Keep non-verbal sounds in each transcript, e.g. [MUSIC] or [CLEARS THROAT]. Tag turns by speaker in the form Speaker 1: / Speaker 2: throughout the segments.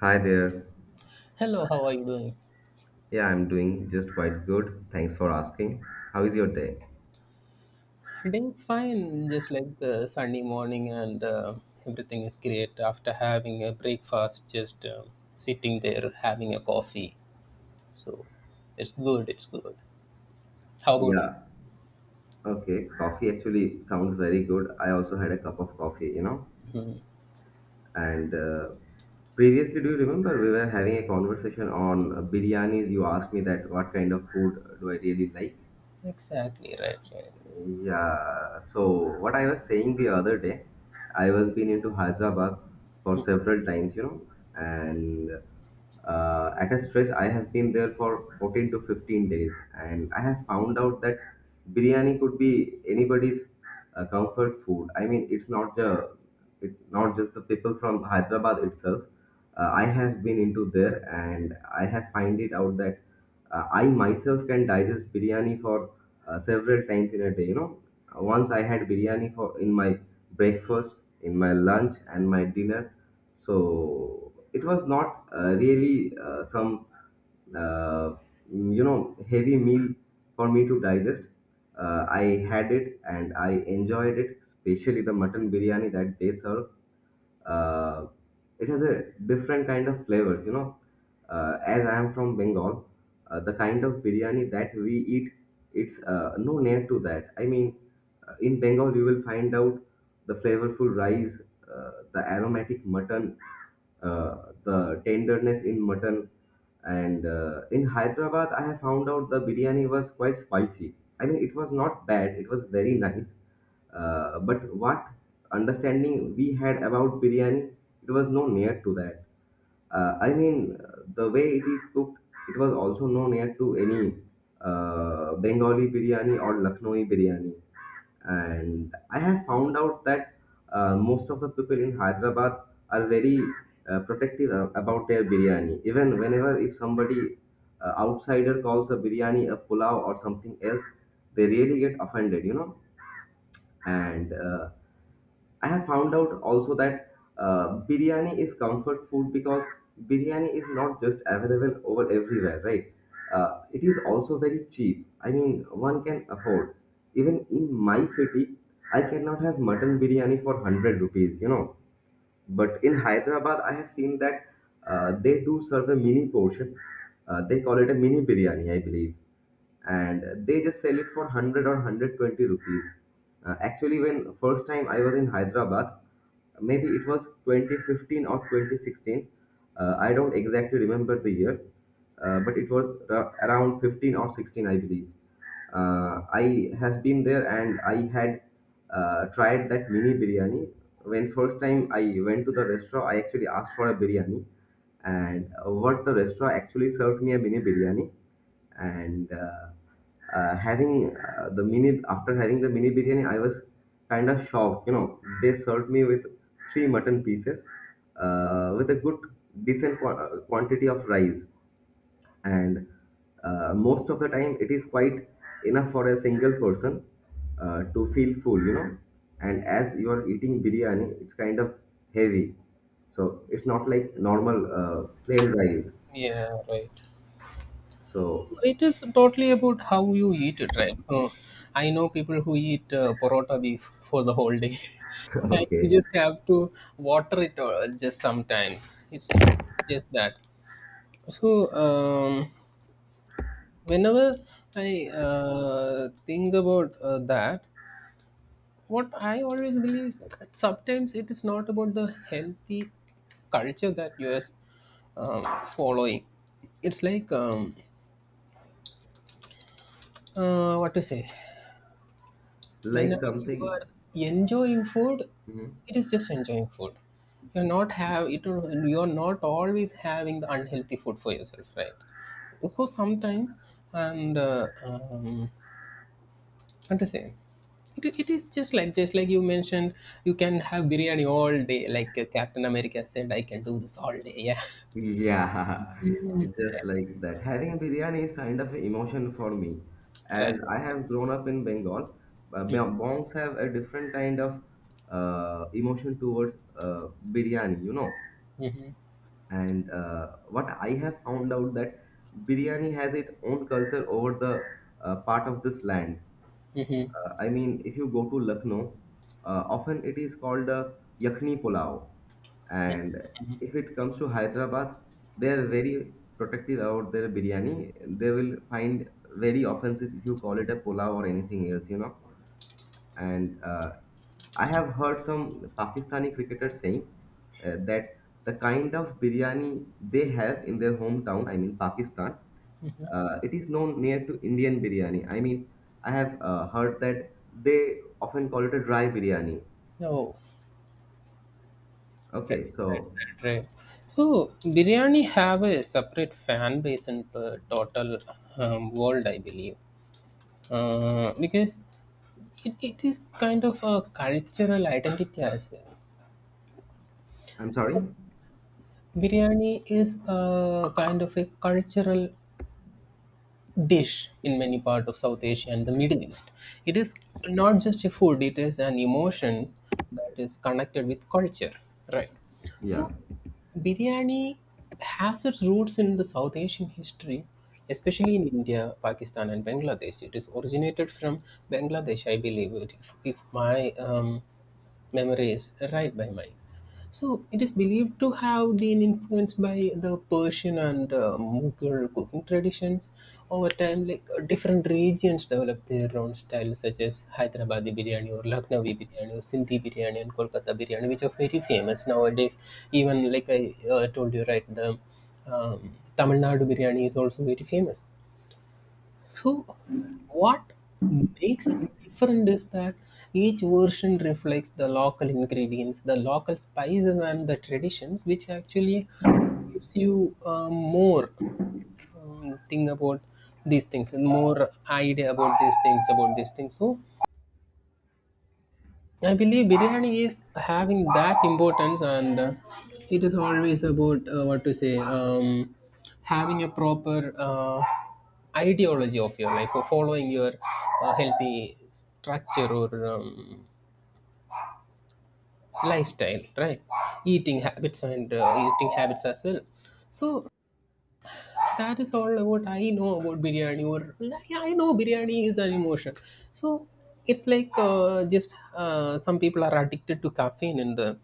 Speaker 1: Hi there.
Speaker 2: Hello, how are you doing?
Speaker 1: Yeah, I'm doing just quite good. Thanks for asking. How is your day?
Speaker 2: Ding's fine, just like the Sunday morning, and everything is great after having a breakfast, just sitting there having a coffee. So it's good, it's good. How about you?
Speaker 1: Yeah. Okay. Coffee actually sounds very good. I also had a cup of coffee,
Speaker 2: Mhm.
Speaker 1: And previously, do you remember we were having a conversation on biryanis? You asked me that what kind of food do I really like?
Speaker 2: Exactly, right, right.
Speaker 1: Yeah, so what I was saying the other day, I was been into Hyderabad for
Speaker 2: Mm,
Speaker 1: several times, and at a stretch I have been there for 14 to 15 days, and I have found out that biryani could be anybody's comfort food. I mean, it's not just the people from Hyderabad itself. I have been into there, and I have find it out that I myself can digest biryani for several times in a day. You know. Once I had biryani for in my breakfast, in my lunch, and my dinner. So it was not really some uh, you know heavy meal for me to digest. I had it and I enjoyed it, especially the mutton biryani that they serve, uh, it has a different kind of flavors. As I am from Bengal, the kind of biryani that we eat, it's no near to that. I mean, in Bengal you will find out the flavorful rice, the aromatic mutton, uh, the tenderness in mutton. And in Hyderabad I have found out the biryani was quite spicy. I mean, it was not bad, it was very nice. But what understanding we had about biryani, it was no near to that. I mean, the way it is cooked, it was also no near to any Bengali biryani or Lucknowi biryani. And I have found out that most of the people in Hyderabad are very protective about their biryani. Even whenever if somebody outsider calls a biryani a pulao or something else, they really get offended, you know and I have found out also that biryani is comfort food because biryani is not just available over everywhere, right? It is also very cheap. I mean, one can afford. Even in my city I cannot have mutton biryani for 100 rupees, you know, but in Hyderabad I have seen that they do serve a mini portion. They call it a mini biryani, I believe, and they just sell it for 100 or 120 rupees. Actually, when first time I was in Hyderabad, maybe it was 2015 or 2016. I don't exactly remember the year. But it was around 15 or 16, I believe. I have been there and I had tried that mini biryani. When first time I went to the restaurant, I actually asked for a biryani, and what the restaurant actually served me a mini biryani. And uh, uh, having uh, the mini after having the mini biryani, I was kind of shocked, you know. They served me with 3 mutton pieces, with a good decent quantity of rice. And most of the time it is quite enough for a single person to feel full, you know. And as you are eating biryani, it's kind of heavy, so it's not like normal plain rice.
Speaker 2: yeah, right.
Speaker 1: So
Speaker 2: It is totally about how you eat it, right? I know people who eat porota beef for the whole day.
Speaker 1: [LAUGHS]
Speaker 2: [LAUGHS] And you
Speaker 1: okay,
Speaker 2: just have to water it just sometimes. It's just that. So, whenever I think about that, what I always believe is that sometimes it is not about the healthy culture that you are um, following. It's like, what to say,
Speaker 1: like
Speaker 2: whenever you
Speaker 1: something.
Speaker 2: are enjoying food,
Speaker 1: Mhm.
Speaker 2: it is just enjoying food. You're not have it. You're not always having the unhealthy food for yourself, right? Because sometimes and I'm just saying. It is just like you mentioned, you can have biryani all day. Like Captain America said, I can do this all day. Yeah,
Speaker 1: Yeah, [LAUGHS]
Speaker 2: mm. [LAUGHS] Yeah,
Speaker 1: just like that. Having biryani is kind of an emotion for me.
Speaker 2: right.
Speaker 1: As I have grown up in Bengal, Bongs have a different kind of emotion towards biryani, you know.
Speaker 2: Mm-hmm.
Speaker 1: And what I have found out that biryani has its own culture over the part of this land.
Speaker 2: Mm-hmm.
Speaker 1: I mean, if you go to Lucknow, often it is called Yakhni Pulao. And if it comes to Hyderabad, they are very protective about their biryani. They will find very offensive if you call it a pulao or anything else, you know. And I have heard some Pakistani cricketers saying that the kind of biryani they have in their hometown, I mean Pakistan, it is known near to Indian biryani. I mean, I have heard that they often call it a dry biryani.
Speaker 2: No, right,
Speaker 1: Okay,
Speaker 2: right,
Speaker 1: so
Speaker 2: right, right. So biryani have a separate fan base in the total world, I believe, because it is kind of a cultural identity as well.
Speaker 1: I'm sorry.
Speaker 2: Biryani is a kind of a cultural dish in many parts of South Asia and the Middle East. It is not just a food, it is an emotion that is connected with culture, right?
Speaker 1: Yeah,
Speaker 2: So, biryani has its roots in the South Asian history, especially in India, Pakistan, and Bangladesh. It is originated from Bangladesh, I believe, if my memory is right by mine. So it is believed to have been influenced by the Persian and Mughal cooking traditions. Over time, like different regions developed their own styles, such as Hyderabadi biryani or Lucknowi biryani or Sindhi biryani and Kolkata biryani, which are very famous nowadays. Even like I told you, right, the Tamil Nadu biryani is also very famous. So, what makes it different is that each version reflects the local ingredients, the local spices, and the traditions, which actually gives you more thing about these things and more idea about these things about these things. So, I believe biryani is having that importance, and it is always about what to say, having a proper ideology of your life, or following your healthy structure or lifestyle, right? Eating habits and eating habits as well. So that is all about I know about biryani, or like, I know biryani is an emotion. So it's like just some people are addicted to caffeine in the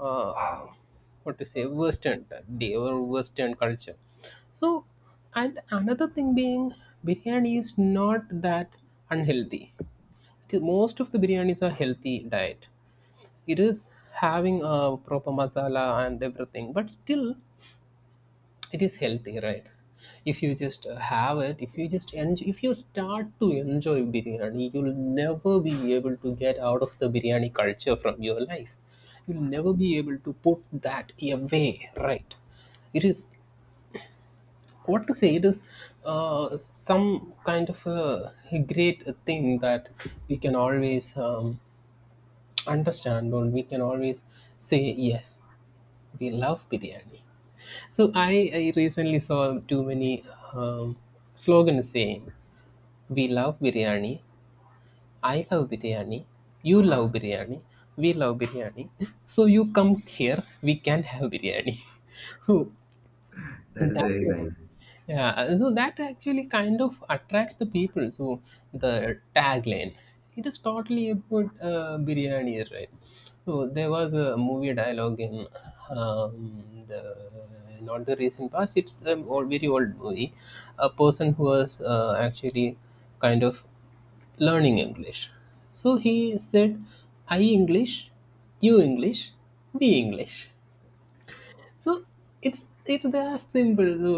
Speaker 2: uh, what to say Western day or Western culture. So and another thing being biryani is not that unhealthy. Most of the biryanis are healthy diet. It is having a proper masala and everything, but still it is healthy, right? If you just have it, if you just enjoy, if you start to enjoy biryani, you'll never be able to get out of the biryani culture from your life. You'll never be able to put that away, right? It is what to say, it is uh, some kind of a great thing that we can always understand, or we can always say yes, we love biryani. So I recently saw too many um, slogans saying, "We love biryani," "I love biryani," "You love biryani," "We love biryani." So you come here, we can have biryani. [LAUGHS] So
Speaker 1: that
Speaker 2: in
Speaker 1: is
Speaker 2: that,
Speaker 1: very nice.
Speaker 2: yeah, so that actually kind of attracts the people. So the tagline, it is totally about biryani, right? So there was a movie dialogue in the not the recent past. It's old, very old movie. A person who was actually kind of learning English. So he said, "I English, you English, we English." So it's that simple. So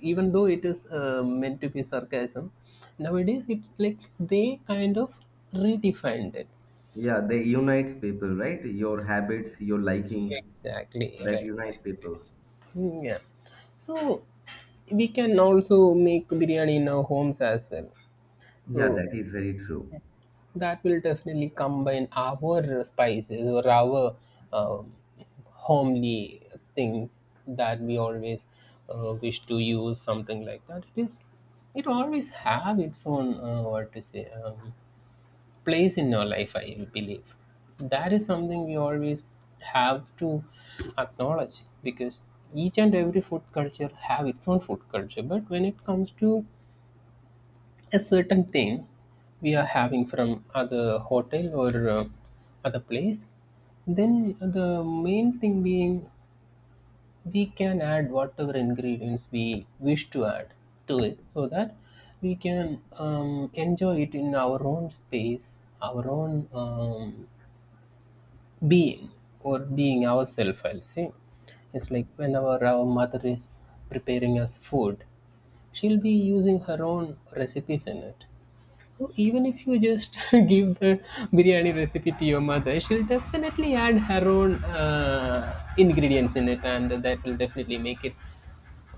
Speaker 2: even though it is meant to be sarcasm, nowadays it's like they kind of redefined it.
Speaker 1: Yeah, they unites people, right? Your habits, your likings,
Speaker 2: Exactly,
Speaker 1: that
Speaker 2: right, right.
Speaker 1: unite people.
Speaker 2: Mm, yeah. So we can also make biryani in our homes as well.
Speaker 1: Yeah,
Speaker 2: So
Speaker 1: that is very true.
Speaker 2: that will definitely combine our spices or our um, homely things that we always wish to use. Something like that. It is. It always have its own what to say, place in your life. I believe that is something we always have to acknowledge because each and every food culture have its own food culture. But when it comes to a certain thing we are having from other hotel or other place, then the main thing being we can add whatever ingredients we wish to add to it, so that we can enjoy it in our own space, our own being, or being ourselves, I'll say. It's like whenever our mother is preparing us food, she'll be using her own recipes in it. So, even if you just [LAUGHS] give the biryani recipe to your mother, she'll definitely add her own ingredients in it, and that will definitely make it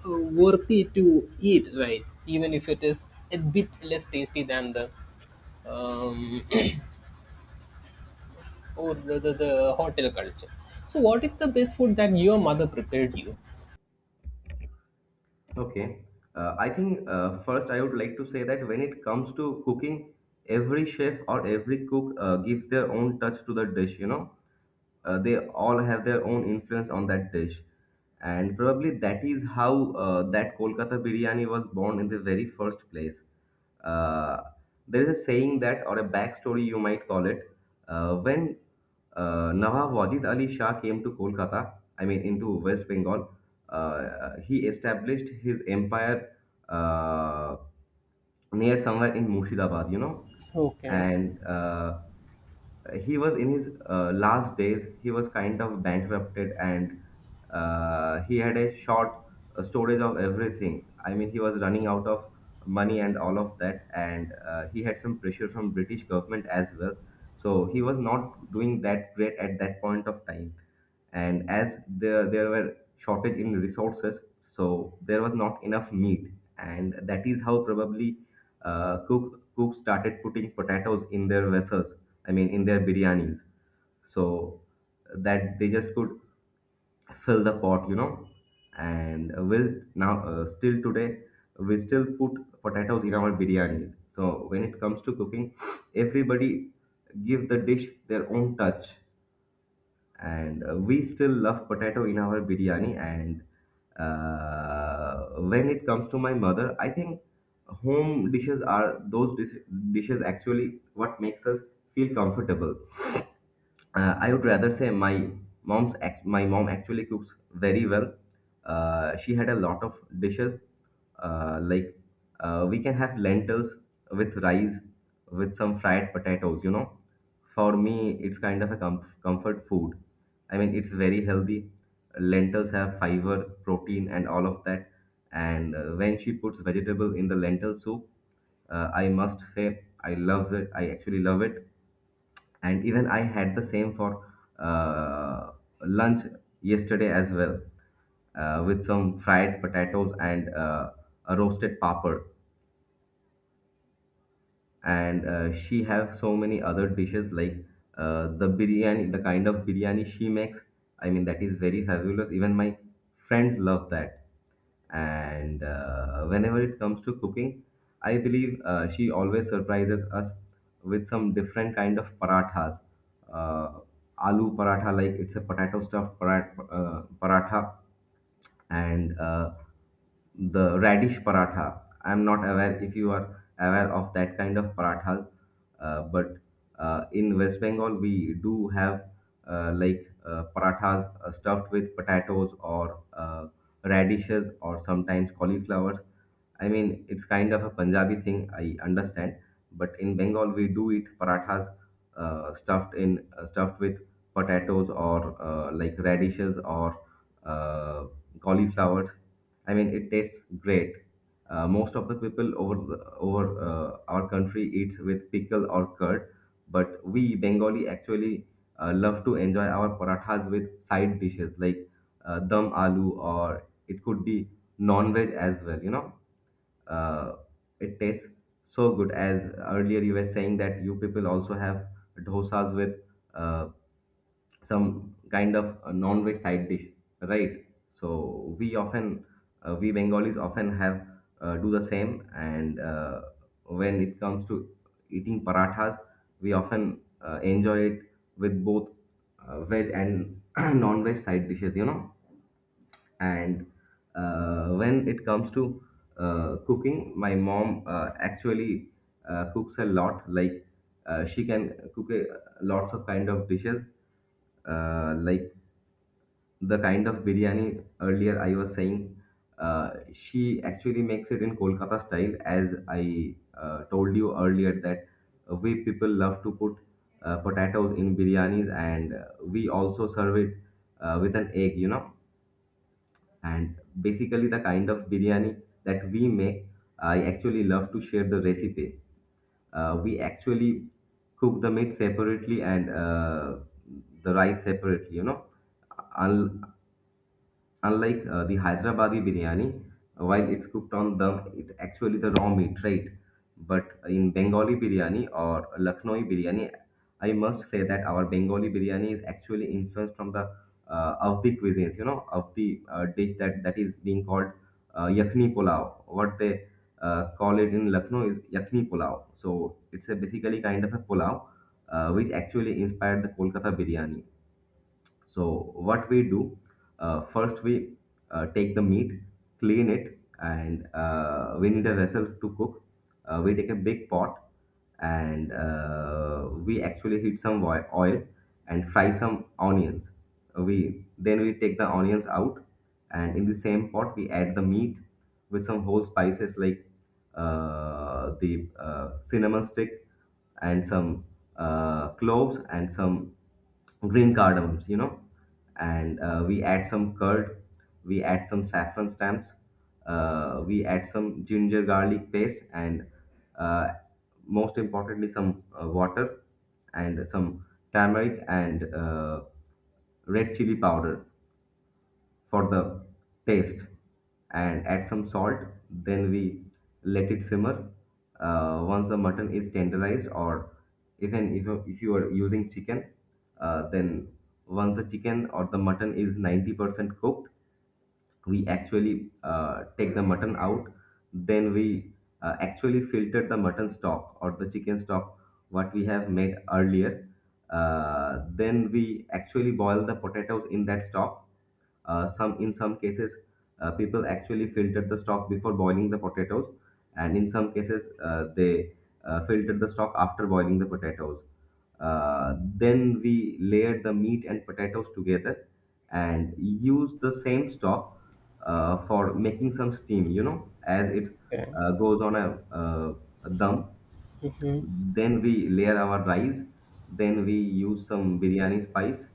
Speaker 2: uh, worthy to eat, right? Even if it is a bit less tasty than the um, [COUGHS] [CLEARS THROAT] or the hotel culture. So, what is the best food that your mother prepared you?
Speaker 1: Okay. I think first I would like to say that when it comes to cooking, every chef or every cook gives their own touch to the dish, you know. They all have their own influence on that dish. And probably that is how that Kolkata biryani was born in the very first place. Uh, there is a saying that, or a backstory you might call it, when Nawab Wajid Ali Shah came to Kolkata, I mean into West Bengal. He established his empire uh, near somewhere in Mushidabad, you know.
Speaker 2: Okay.
Speaker 1: And he was in his last days, he was kind of bankrupted, and he had a short storage of everything. I mean, he was running out of money and all of that, and he had some pressure from British government as well, so he was not doing that great at that point of time. And as there were shortage in resources, so there was not enough meat, and that is how probably cook started putting potatoes in their vessels. I mean, in their biryanis. So that they just could fill the pot, you know. And will now, still today, we still put potatoes in our biryani. So when it comes to cooking, everybody give the dish their own touch. And we still love potato in our biryani. And when it comes to my mother, I think home dishes are dishes actually what makes us feel comfortable. I would rather say my my mom actually cooks very well. She had a lot of dishes like we can have lentils with rice with some fried potatoes. You know, for me it's kind of a comfort food. I mean, it's very healthy. Lentils have fiber, protein, and all of that. And when she puts vegetable in the lentil soup, I must say I love it. I actually love it, and even I had the same for uh, lunch yesterday as well, with some fried potatoes and a roasted papad. And she have so many other dishes, like the kind of biryani she makes. I mean, that is very fabulous. Even my friends love that. And whenever it comes to cooking, I believe she always surprises us with some different kind of parathas, uh, aloo paratha, like it's a potato stuffed paratha, and the radish paratha. I'm not aware if you are aware of that kind of parathas, but in West Bengal we do have parathas stuffed with potatoes or radishes or sometimes cauliflowers. I mean, it's kind of a Punjabi thing, I understand, but in Bengal we do eat parathas stuffed with potatoes or like radishes or uh, cauliflowers. I mean, it tastes great. Most of the people over over our country eats with pickle or curd, but we Bengali actually love to enjoy our parathas with side dishes like dum aloo, or it could be non-veg as well. You know, uh, it tastes so good. As earlier you were saying that you people also have dosas with uh, some kind of a non-veg side dish, right? So we often, we Bengalis often have, do the same. And when it comes to eating parathas, we often enjoy it with both veg and [CLEARS THROAT] non-veg side dishes, you know. And when it comes to cooking, my mom actually cooks a lot, like she can cook a lots of kind of dishes, like the kind of biryani earlier I was saying, she actually makes it in Kolkata style. As I told you earlier that we people love to put potatoes in biryanis, and we also serve it with an egg, you know. And basically, the kind of biryani that we make, I actually love to share the recipe. We actually cook the meat separately and the rice separately, you know. Un- Unlike the Hyderabadi biryani, while it's cooked on dum, it's actually the raw meat, right? But in Bengali biryani or Lucknowi biryani, I must say that our Bengali biryani is actually influenced from the of the cuisines, of the dish that is being called yakni pulao. What they call it in Lucknow is yakni pulao. So it's a basically kind of a pulao which actually inspired the Kolkata biryani. So what we do, first we take the meat, clean it, and we need a vessel to cook. We take a big pot, and we actually heat some oil and fry some onions. We then we take the onions out, and in the same pot we add the meat with some whole spices like the cinnamon stick and some cloves and some green cardamoms, and we add some curd. We add some saffron stamps. We add some ginger garlic paste, and uh, most importantly some water, and some turmeric, and red chili powder for the taste, and add some salt. Then we let it simmer. Once the mutton is tenderized, or even if, if you are using chicken, then once the chicken or the mutton is 90% cooked, we actually take the mutton out. Then we actually filter the mutton stock or the chicken stock what we have made earlier. Then we actually boil the potatoes in that stock. Some In some cases, people actually filter the stock before boiling the potatoes, and in some cases, they filter the stock after boiling the potatoes. Uh, then we layer the meat and potatoes together and use the same stock for making some steam. You know, as it
Speaker 2: Okay.
Speaker 1: goes on a dum. Then we layer our rice. Then we use some biryani spice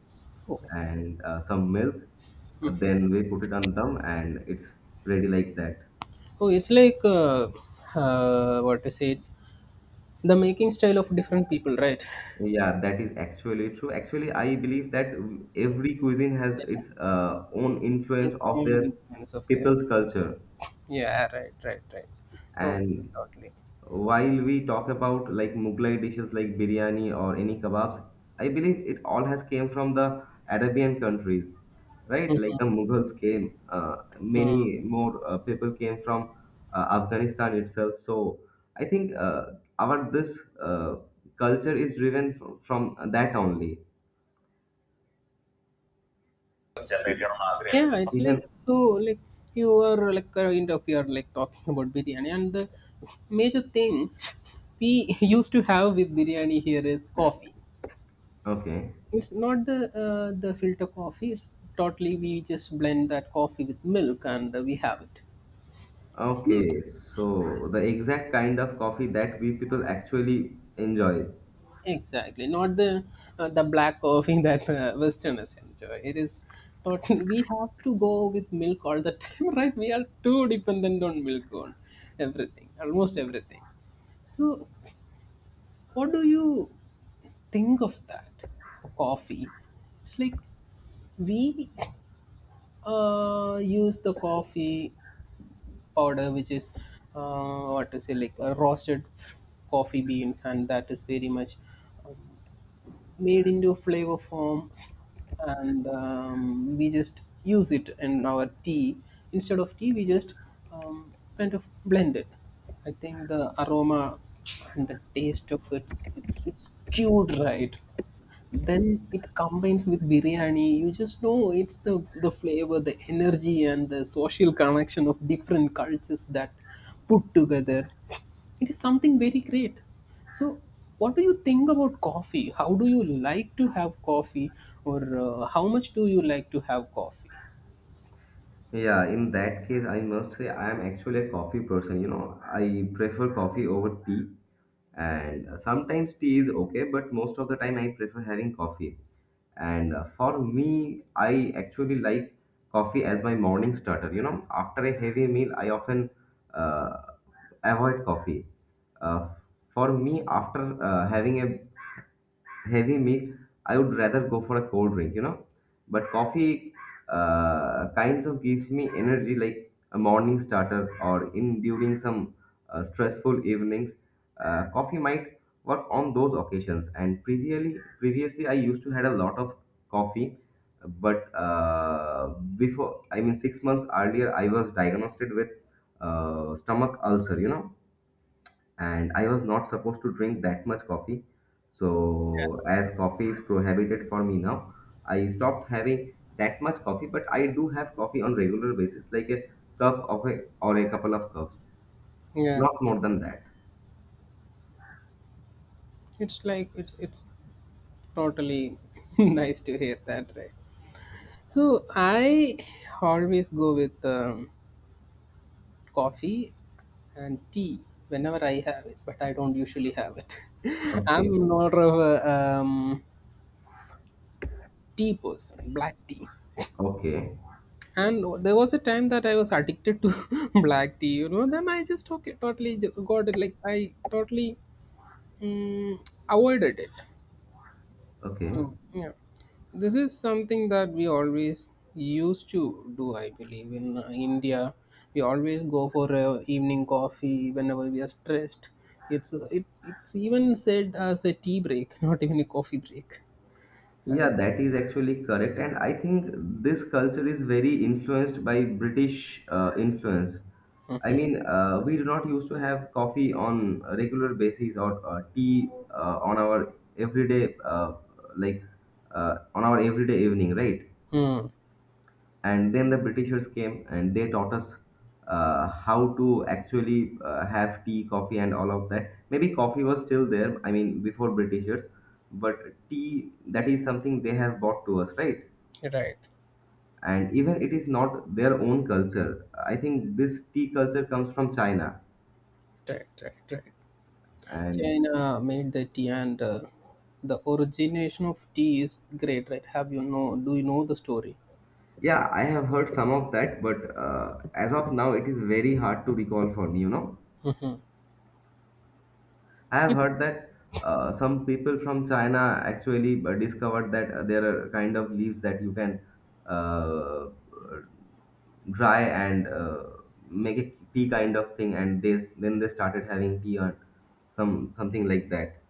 Speaker 2: Oh,
Speaker 1: and some milk. Then we put it on them, and it's ready like that.
Speaker 2: oh, it's like what to say? It's the making style of different people, right? [LAUGHS]
Speaker 1: Yeah, that is actually true. Actually, I believe that every cuisine has its own
Speaker 2: Yes,
Speaker 1: influence
Speaker 2: I
Speaker 1: of
Speaker 2: am
Speaker 1: their
Speaker 2: influence of that.
Speaker 1: people's culture,
Speaker 2: Yeah, right, right, right. Totally,
Speaker 1: and
Speaker 2: totally.
Speaker 1: while we talk about like Mughlai dishes like biryani or any kebabs, I believe it all has came from the Arabian countries, right? Like the Mughals came,
Speaker 2: Hmm.
Speaker 1: many more people came from Afghanistan itself. So I think our this culture is driven from that only.
Speaker 2: Yeah, it's like
Speaker 1: Even
Speaker 2: so like you are like kind of you are like talking about biryani, and the major thing we [LAUGHS] used to have with biryani here is coffee.
Speaker 1: Okay.
Speaker 2: It's not the the filter coffee. It's totally, we just blend that coffee with milk and we have it. So,
Speaker 1: Okay, so the exact kind of coffee that we people actually enjoy.
Speaker 2: exactly, not the the black coffee [LAUGHS] that Westerners enjoy. It is totally. [LAUGHS] We have to go with milk all the time, [LAUGHS] right? We are too dependent on milk on everything, almost everything. So, what do you think of that coffee? It's like we use the coffee powder, which is what to say, like roasted coffee beans, and that is very much made into a flavor form, and we just use it in our tea. Instead of tea, we just um, kind of blend it. I think the aroma and the taste of it's cured, right? Then it combines with biryani, you just know it's the flavor, the energy, and the social connection of different cultures that put together, it is something very great. So what do you think about coffee? How do you like to have coffee, or how much do you like to have coffee?
Speaker 1: Yeah, in that case, I must say I am actually a coffee person. You know, I prefer coffee over tea, and sometimes tea is okay, but most of the time I prefer having coffee. And for me, I actually like coffee as my morning starter. You know, after a heavy meal, I often uh, avoid coffee. Uh, for me, after having a heavy meal, I would rather go for a cold drink, but coffee kinds of gives me energy like a morning starter, or in during some stressful evenings. Coffee might work on those occasions. And previously I used to had a lot of coffee, but before I mean 6 months earlier I was diagnosed with stomach ulcer. And I was not supposed to drink that much coffee. So, as coffee is prohibited for me now, I stopped having that much coffee, but I do have coffee on regular basis, like a cup of a or a couple of cups,
Speaker 2: Yeah,
Speaker 1: not more than that.
Speaker 2: it's like it's totally [LAUGHS] nice to hear that, right? So I always go with coffee and tea whenever I have it, but I don't usually have it. [LAUGHS]
Speaker 1: Okay,
Speaker 2: I'm more of a tea person, black tea.
Speaker 1: okay,
Speaker 2: And there was a time that I was addicted to [LAUGHS] black tea, you know. Then I just okay, totally got it. Like I totally, mm, avoided it.
Speaker 1: okay.
Speaker 2: So, yeah, this is something that we always used to do, I believe. In India, we always go for a evening coffee whenever we are stressed. It's it's even said as a tea break, [LAUGHS] not even a coffee break.
Speaker 1: Yeah, that is actually correct. And I think this culture is very influenced by British influence. I
Speaker 2: Mm-hmm.
Speaker 1: mean, we do not used to have coffee on a regular basis, or tea on our like everyday evening, right?
Speaker 2: Mm.
Speaker 1: And then the britishers came and they taught us how to actually have tea coffee and all of that. Maybe coffee was still there, I mean, before britishers, but tea, that is something they have brought to us, right?
Speaker 2: Right,
Speaker 1: And even it is not their own culture. I think this tea culture comes from china.
Speaker 2: right.
Speaker 1: And
Speaker 2: China made the tea, and the origination of tea is great, right? Have you know? Do you know the story?
Speaker 1: yeah, I have heard some of that, but as of now it is very hard to recall for me.
Speaker 2: Mm-hmm.
Speaker 1: I have
Speaker 2: It
Speaker 1: heard that some people from China actually discovered that there are kind of leaves that you can uh, dry and make a tea kind of thing, and they then they started having tea on something like that.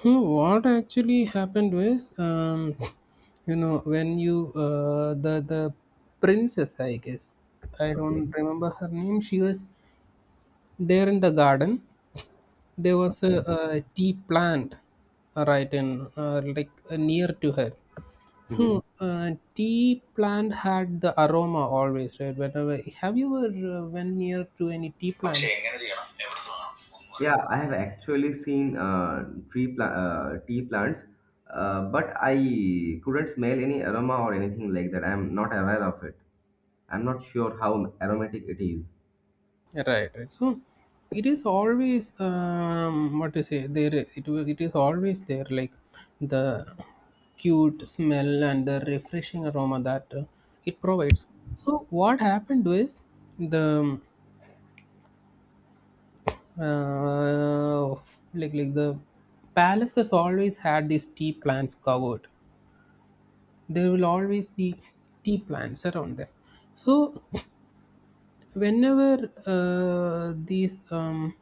Speaker 2: hmm, what actually happened was, [LAUGHS] you know, when you the princess, I guess, I don't
Speaker 1: Okay,
Speaker 2: remember her name. She was there in the garden. There was
Speaker 1: okay.
Speaker 2: a tea plant, right in near to her.
Speaker 1: Hmm.
Speaker 2: So tea plant had the aroma always, right? Whenever have you ever went near to any tea plants?
Speaker 1: Yeah, I have actually seen tea plants, but I couldn't smell any aroma or anything like that. I'm not aware of it. I'm not sure how aromatic it is.
Speaker 2: Yeah, right, right. So it is always what to say there. It is always there, like the cute smell and the refreshing aroma that it provides. So what happened was the uh, the palaces always had these tea plants covered. There will always be tea plants around there. So whenever these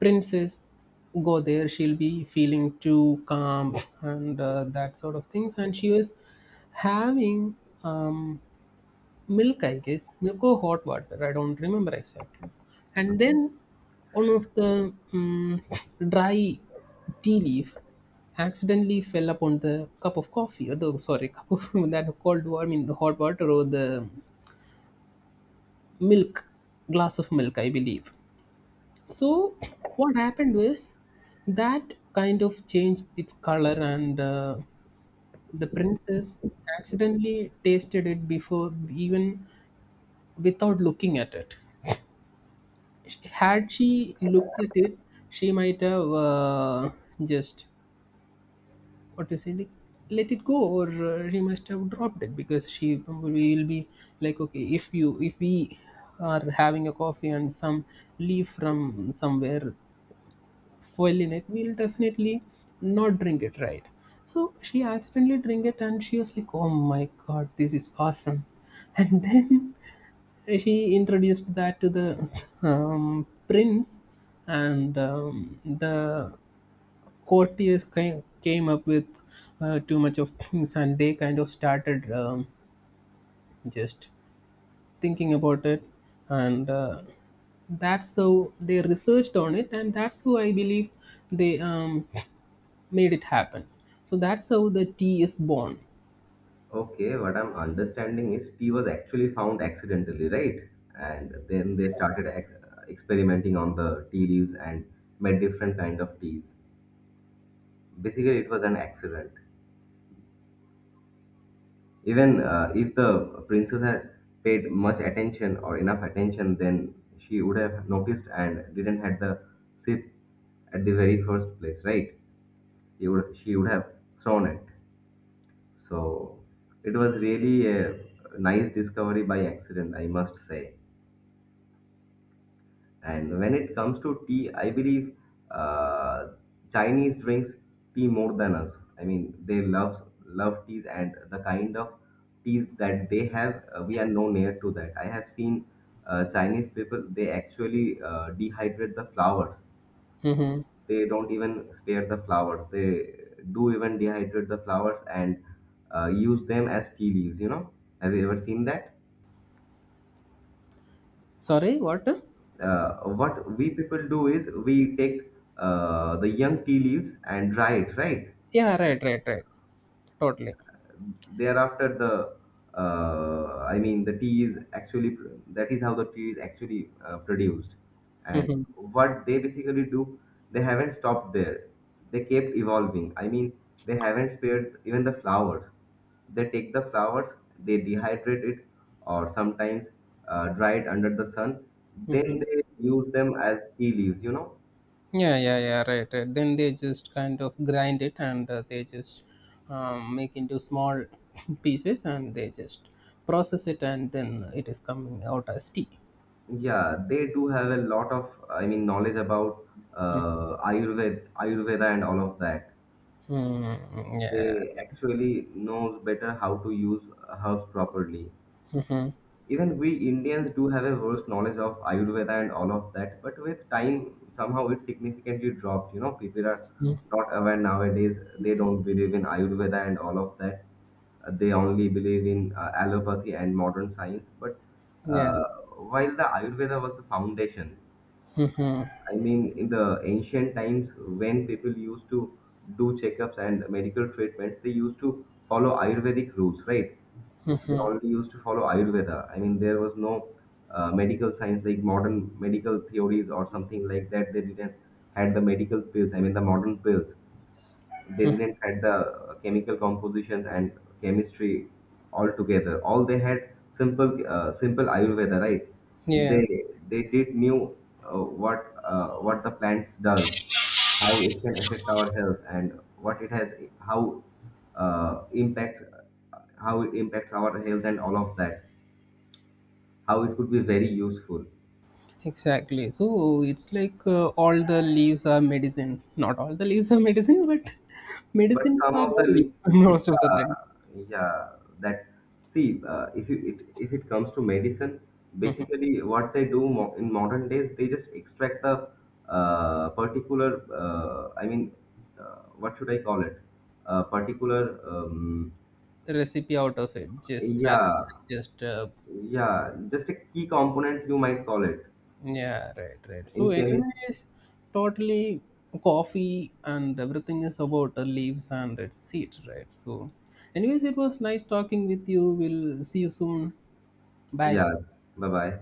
Speaker 2: princess go there, she'll be feeling too calm, and that sort of things, and she was having um, milk, I guess, milk or hot water, I don't remember exactly. And then one of the dry tea leaf accidentally fell upon the cup of coffee, or the sorry cup of [LAUGHS] that cold water, I mean the hot water or the milk, glass of milk, I believe. So what happened was that kind of changed its color, and the princess accidentally tasted it before even without looking at it. Had she looked at it, she might have just what to say, like, let it go, or she must have dropped it, because she we will be like, okay, if you if we are having a coffee and some leaf from somewhere fuel in it, we'll definitely not drink it, right? So she accidentally drink it and she was like, oh my god, this is awesome. [LAUGHS] And then she introduced that to the prince, and the courtiers came up with too much of things, and they kind of started just thinking about it, and that's how they researched on it, and that's how I believe they made it happen. So that's how the tea is born.
Speaker 1: Okay, what I'm understanding is tea was actually found accidentally, right? And then they started experimenting on the tea leaves and made different kind of teas. Basically, it was an accident. Even if the princess had paid much attention or enough attention, then she would have noticed and didn't had the sip at the very first place, right? She would have thrown it. So it was really a nice discovery by accident, I must say. And when it comes to tea, I believe uh, Chinese drinks tea more than us. I mean, they love teas, and the kind of teas that they have, we are no near to that. I have seen Chinese people; they actually dehydrate the flowers.
Speaker 2: Hmm.
Speaker 1: They don't even spare the flowers. They do even dehydrate the flowers and use them as tea leaves. Have you ever seen that?
Speaker 2: Sorry, what?
Speaker 1: What we people do is we take the young tea leaves and dry it, right?
Speaker 2: Yeah, right, right, right. Totally.
Speaker 1: Thereafter, the I mean, the tea is actually that is how the tea is actually produced. And what they basically do, they haven't stopped there. They kept evolving, I mean, they haven't spared even the flowers. They take the flowers, they dehydrate it, or sometimes dry it under the sun, then they use them as tea leaves.
Speaker 2: Yeah, yeah, yeah, right, right. Then they just kind of grind it, and they just make into small [LAUGHS] pieces, and they just process it, and then it is coming out as tea.
Speaker 1: Yeah, they do have a lot of, I mean, knowledge about Ayurveda and all of that.
Speaker 2: Mm-hmm. Yeah.
Speaker 1: They actually knows better how to use herbs properly.
Speaker 2: Mm-hmm.
Speaker 1: Even we Indians do have a worse knowledge of Ayurveda and all of that, but with time, somehow it significantly dropped. People are
Speaker 2: Mm-hmm.
Speaker 1: not aware nowadays. They don't believe in Ayurveda and all of that. They only believe in allopathy and modern science. But
Speaker 2: Yeah.
Speaker 1: uh, while the Ayurveda was the foundation,
Speaker 2: Mm-hmm.
Speaker 1: I mean, in the ancient times, when people used to do checkups and medical treatments, they used to follow Ayurvedic rules, right? They
Speaker 2: Mm-hmm.
Speaker 1: only used to follow Ayurveda. I mean, there was no medical science like modern medical theories or something like that. They didn't had the medical pills. I mean, the modern pills, they didn't had the chemical composition and chemistry altogether. All they had, simple simple ayurveda, right?
Speaker 2: Yeah.
Speaker 1: They did knew uh, what what the plants does, how it can affect our health and what it has, how impacts how it impacts our health and all of that, how it could be very useful.
Speaker 2: Exactly. So it's like all the leaves are medicine. Not all the leaves are medicine, but [LAUGHS]
Speaker 1: But
Speaker 2: medicines
Speaker 1: some
Speaker 2: are
Speaker 1: of
Speaker 2: all
Speaker 1: the
Speaker 2: leaves [LAUGHS] most of the time.
Speaker 1: yeah, yeah, that, see, if it comes to medicine, basically what they do, in modern days, they just extract the particular I mean, what should I call it? Particular
Speaker 2: Recipe out of it, just rather
Speaker 1: Yeah,
Speaker 2: than just
Speaker 1: yeah, just a key component, you might call it,
Speaker 2: yeah, right, right. So,
Speaker 1: in chemistry.
Speaker 2: anyways, totally coffee and everything is about the leaves and its seeds, right? So, anyways, it was nice talking with you. We'll see you soon. Bye.
Speaker 1: Yeah, bye bye.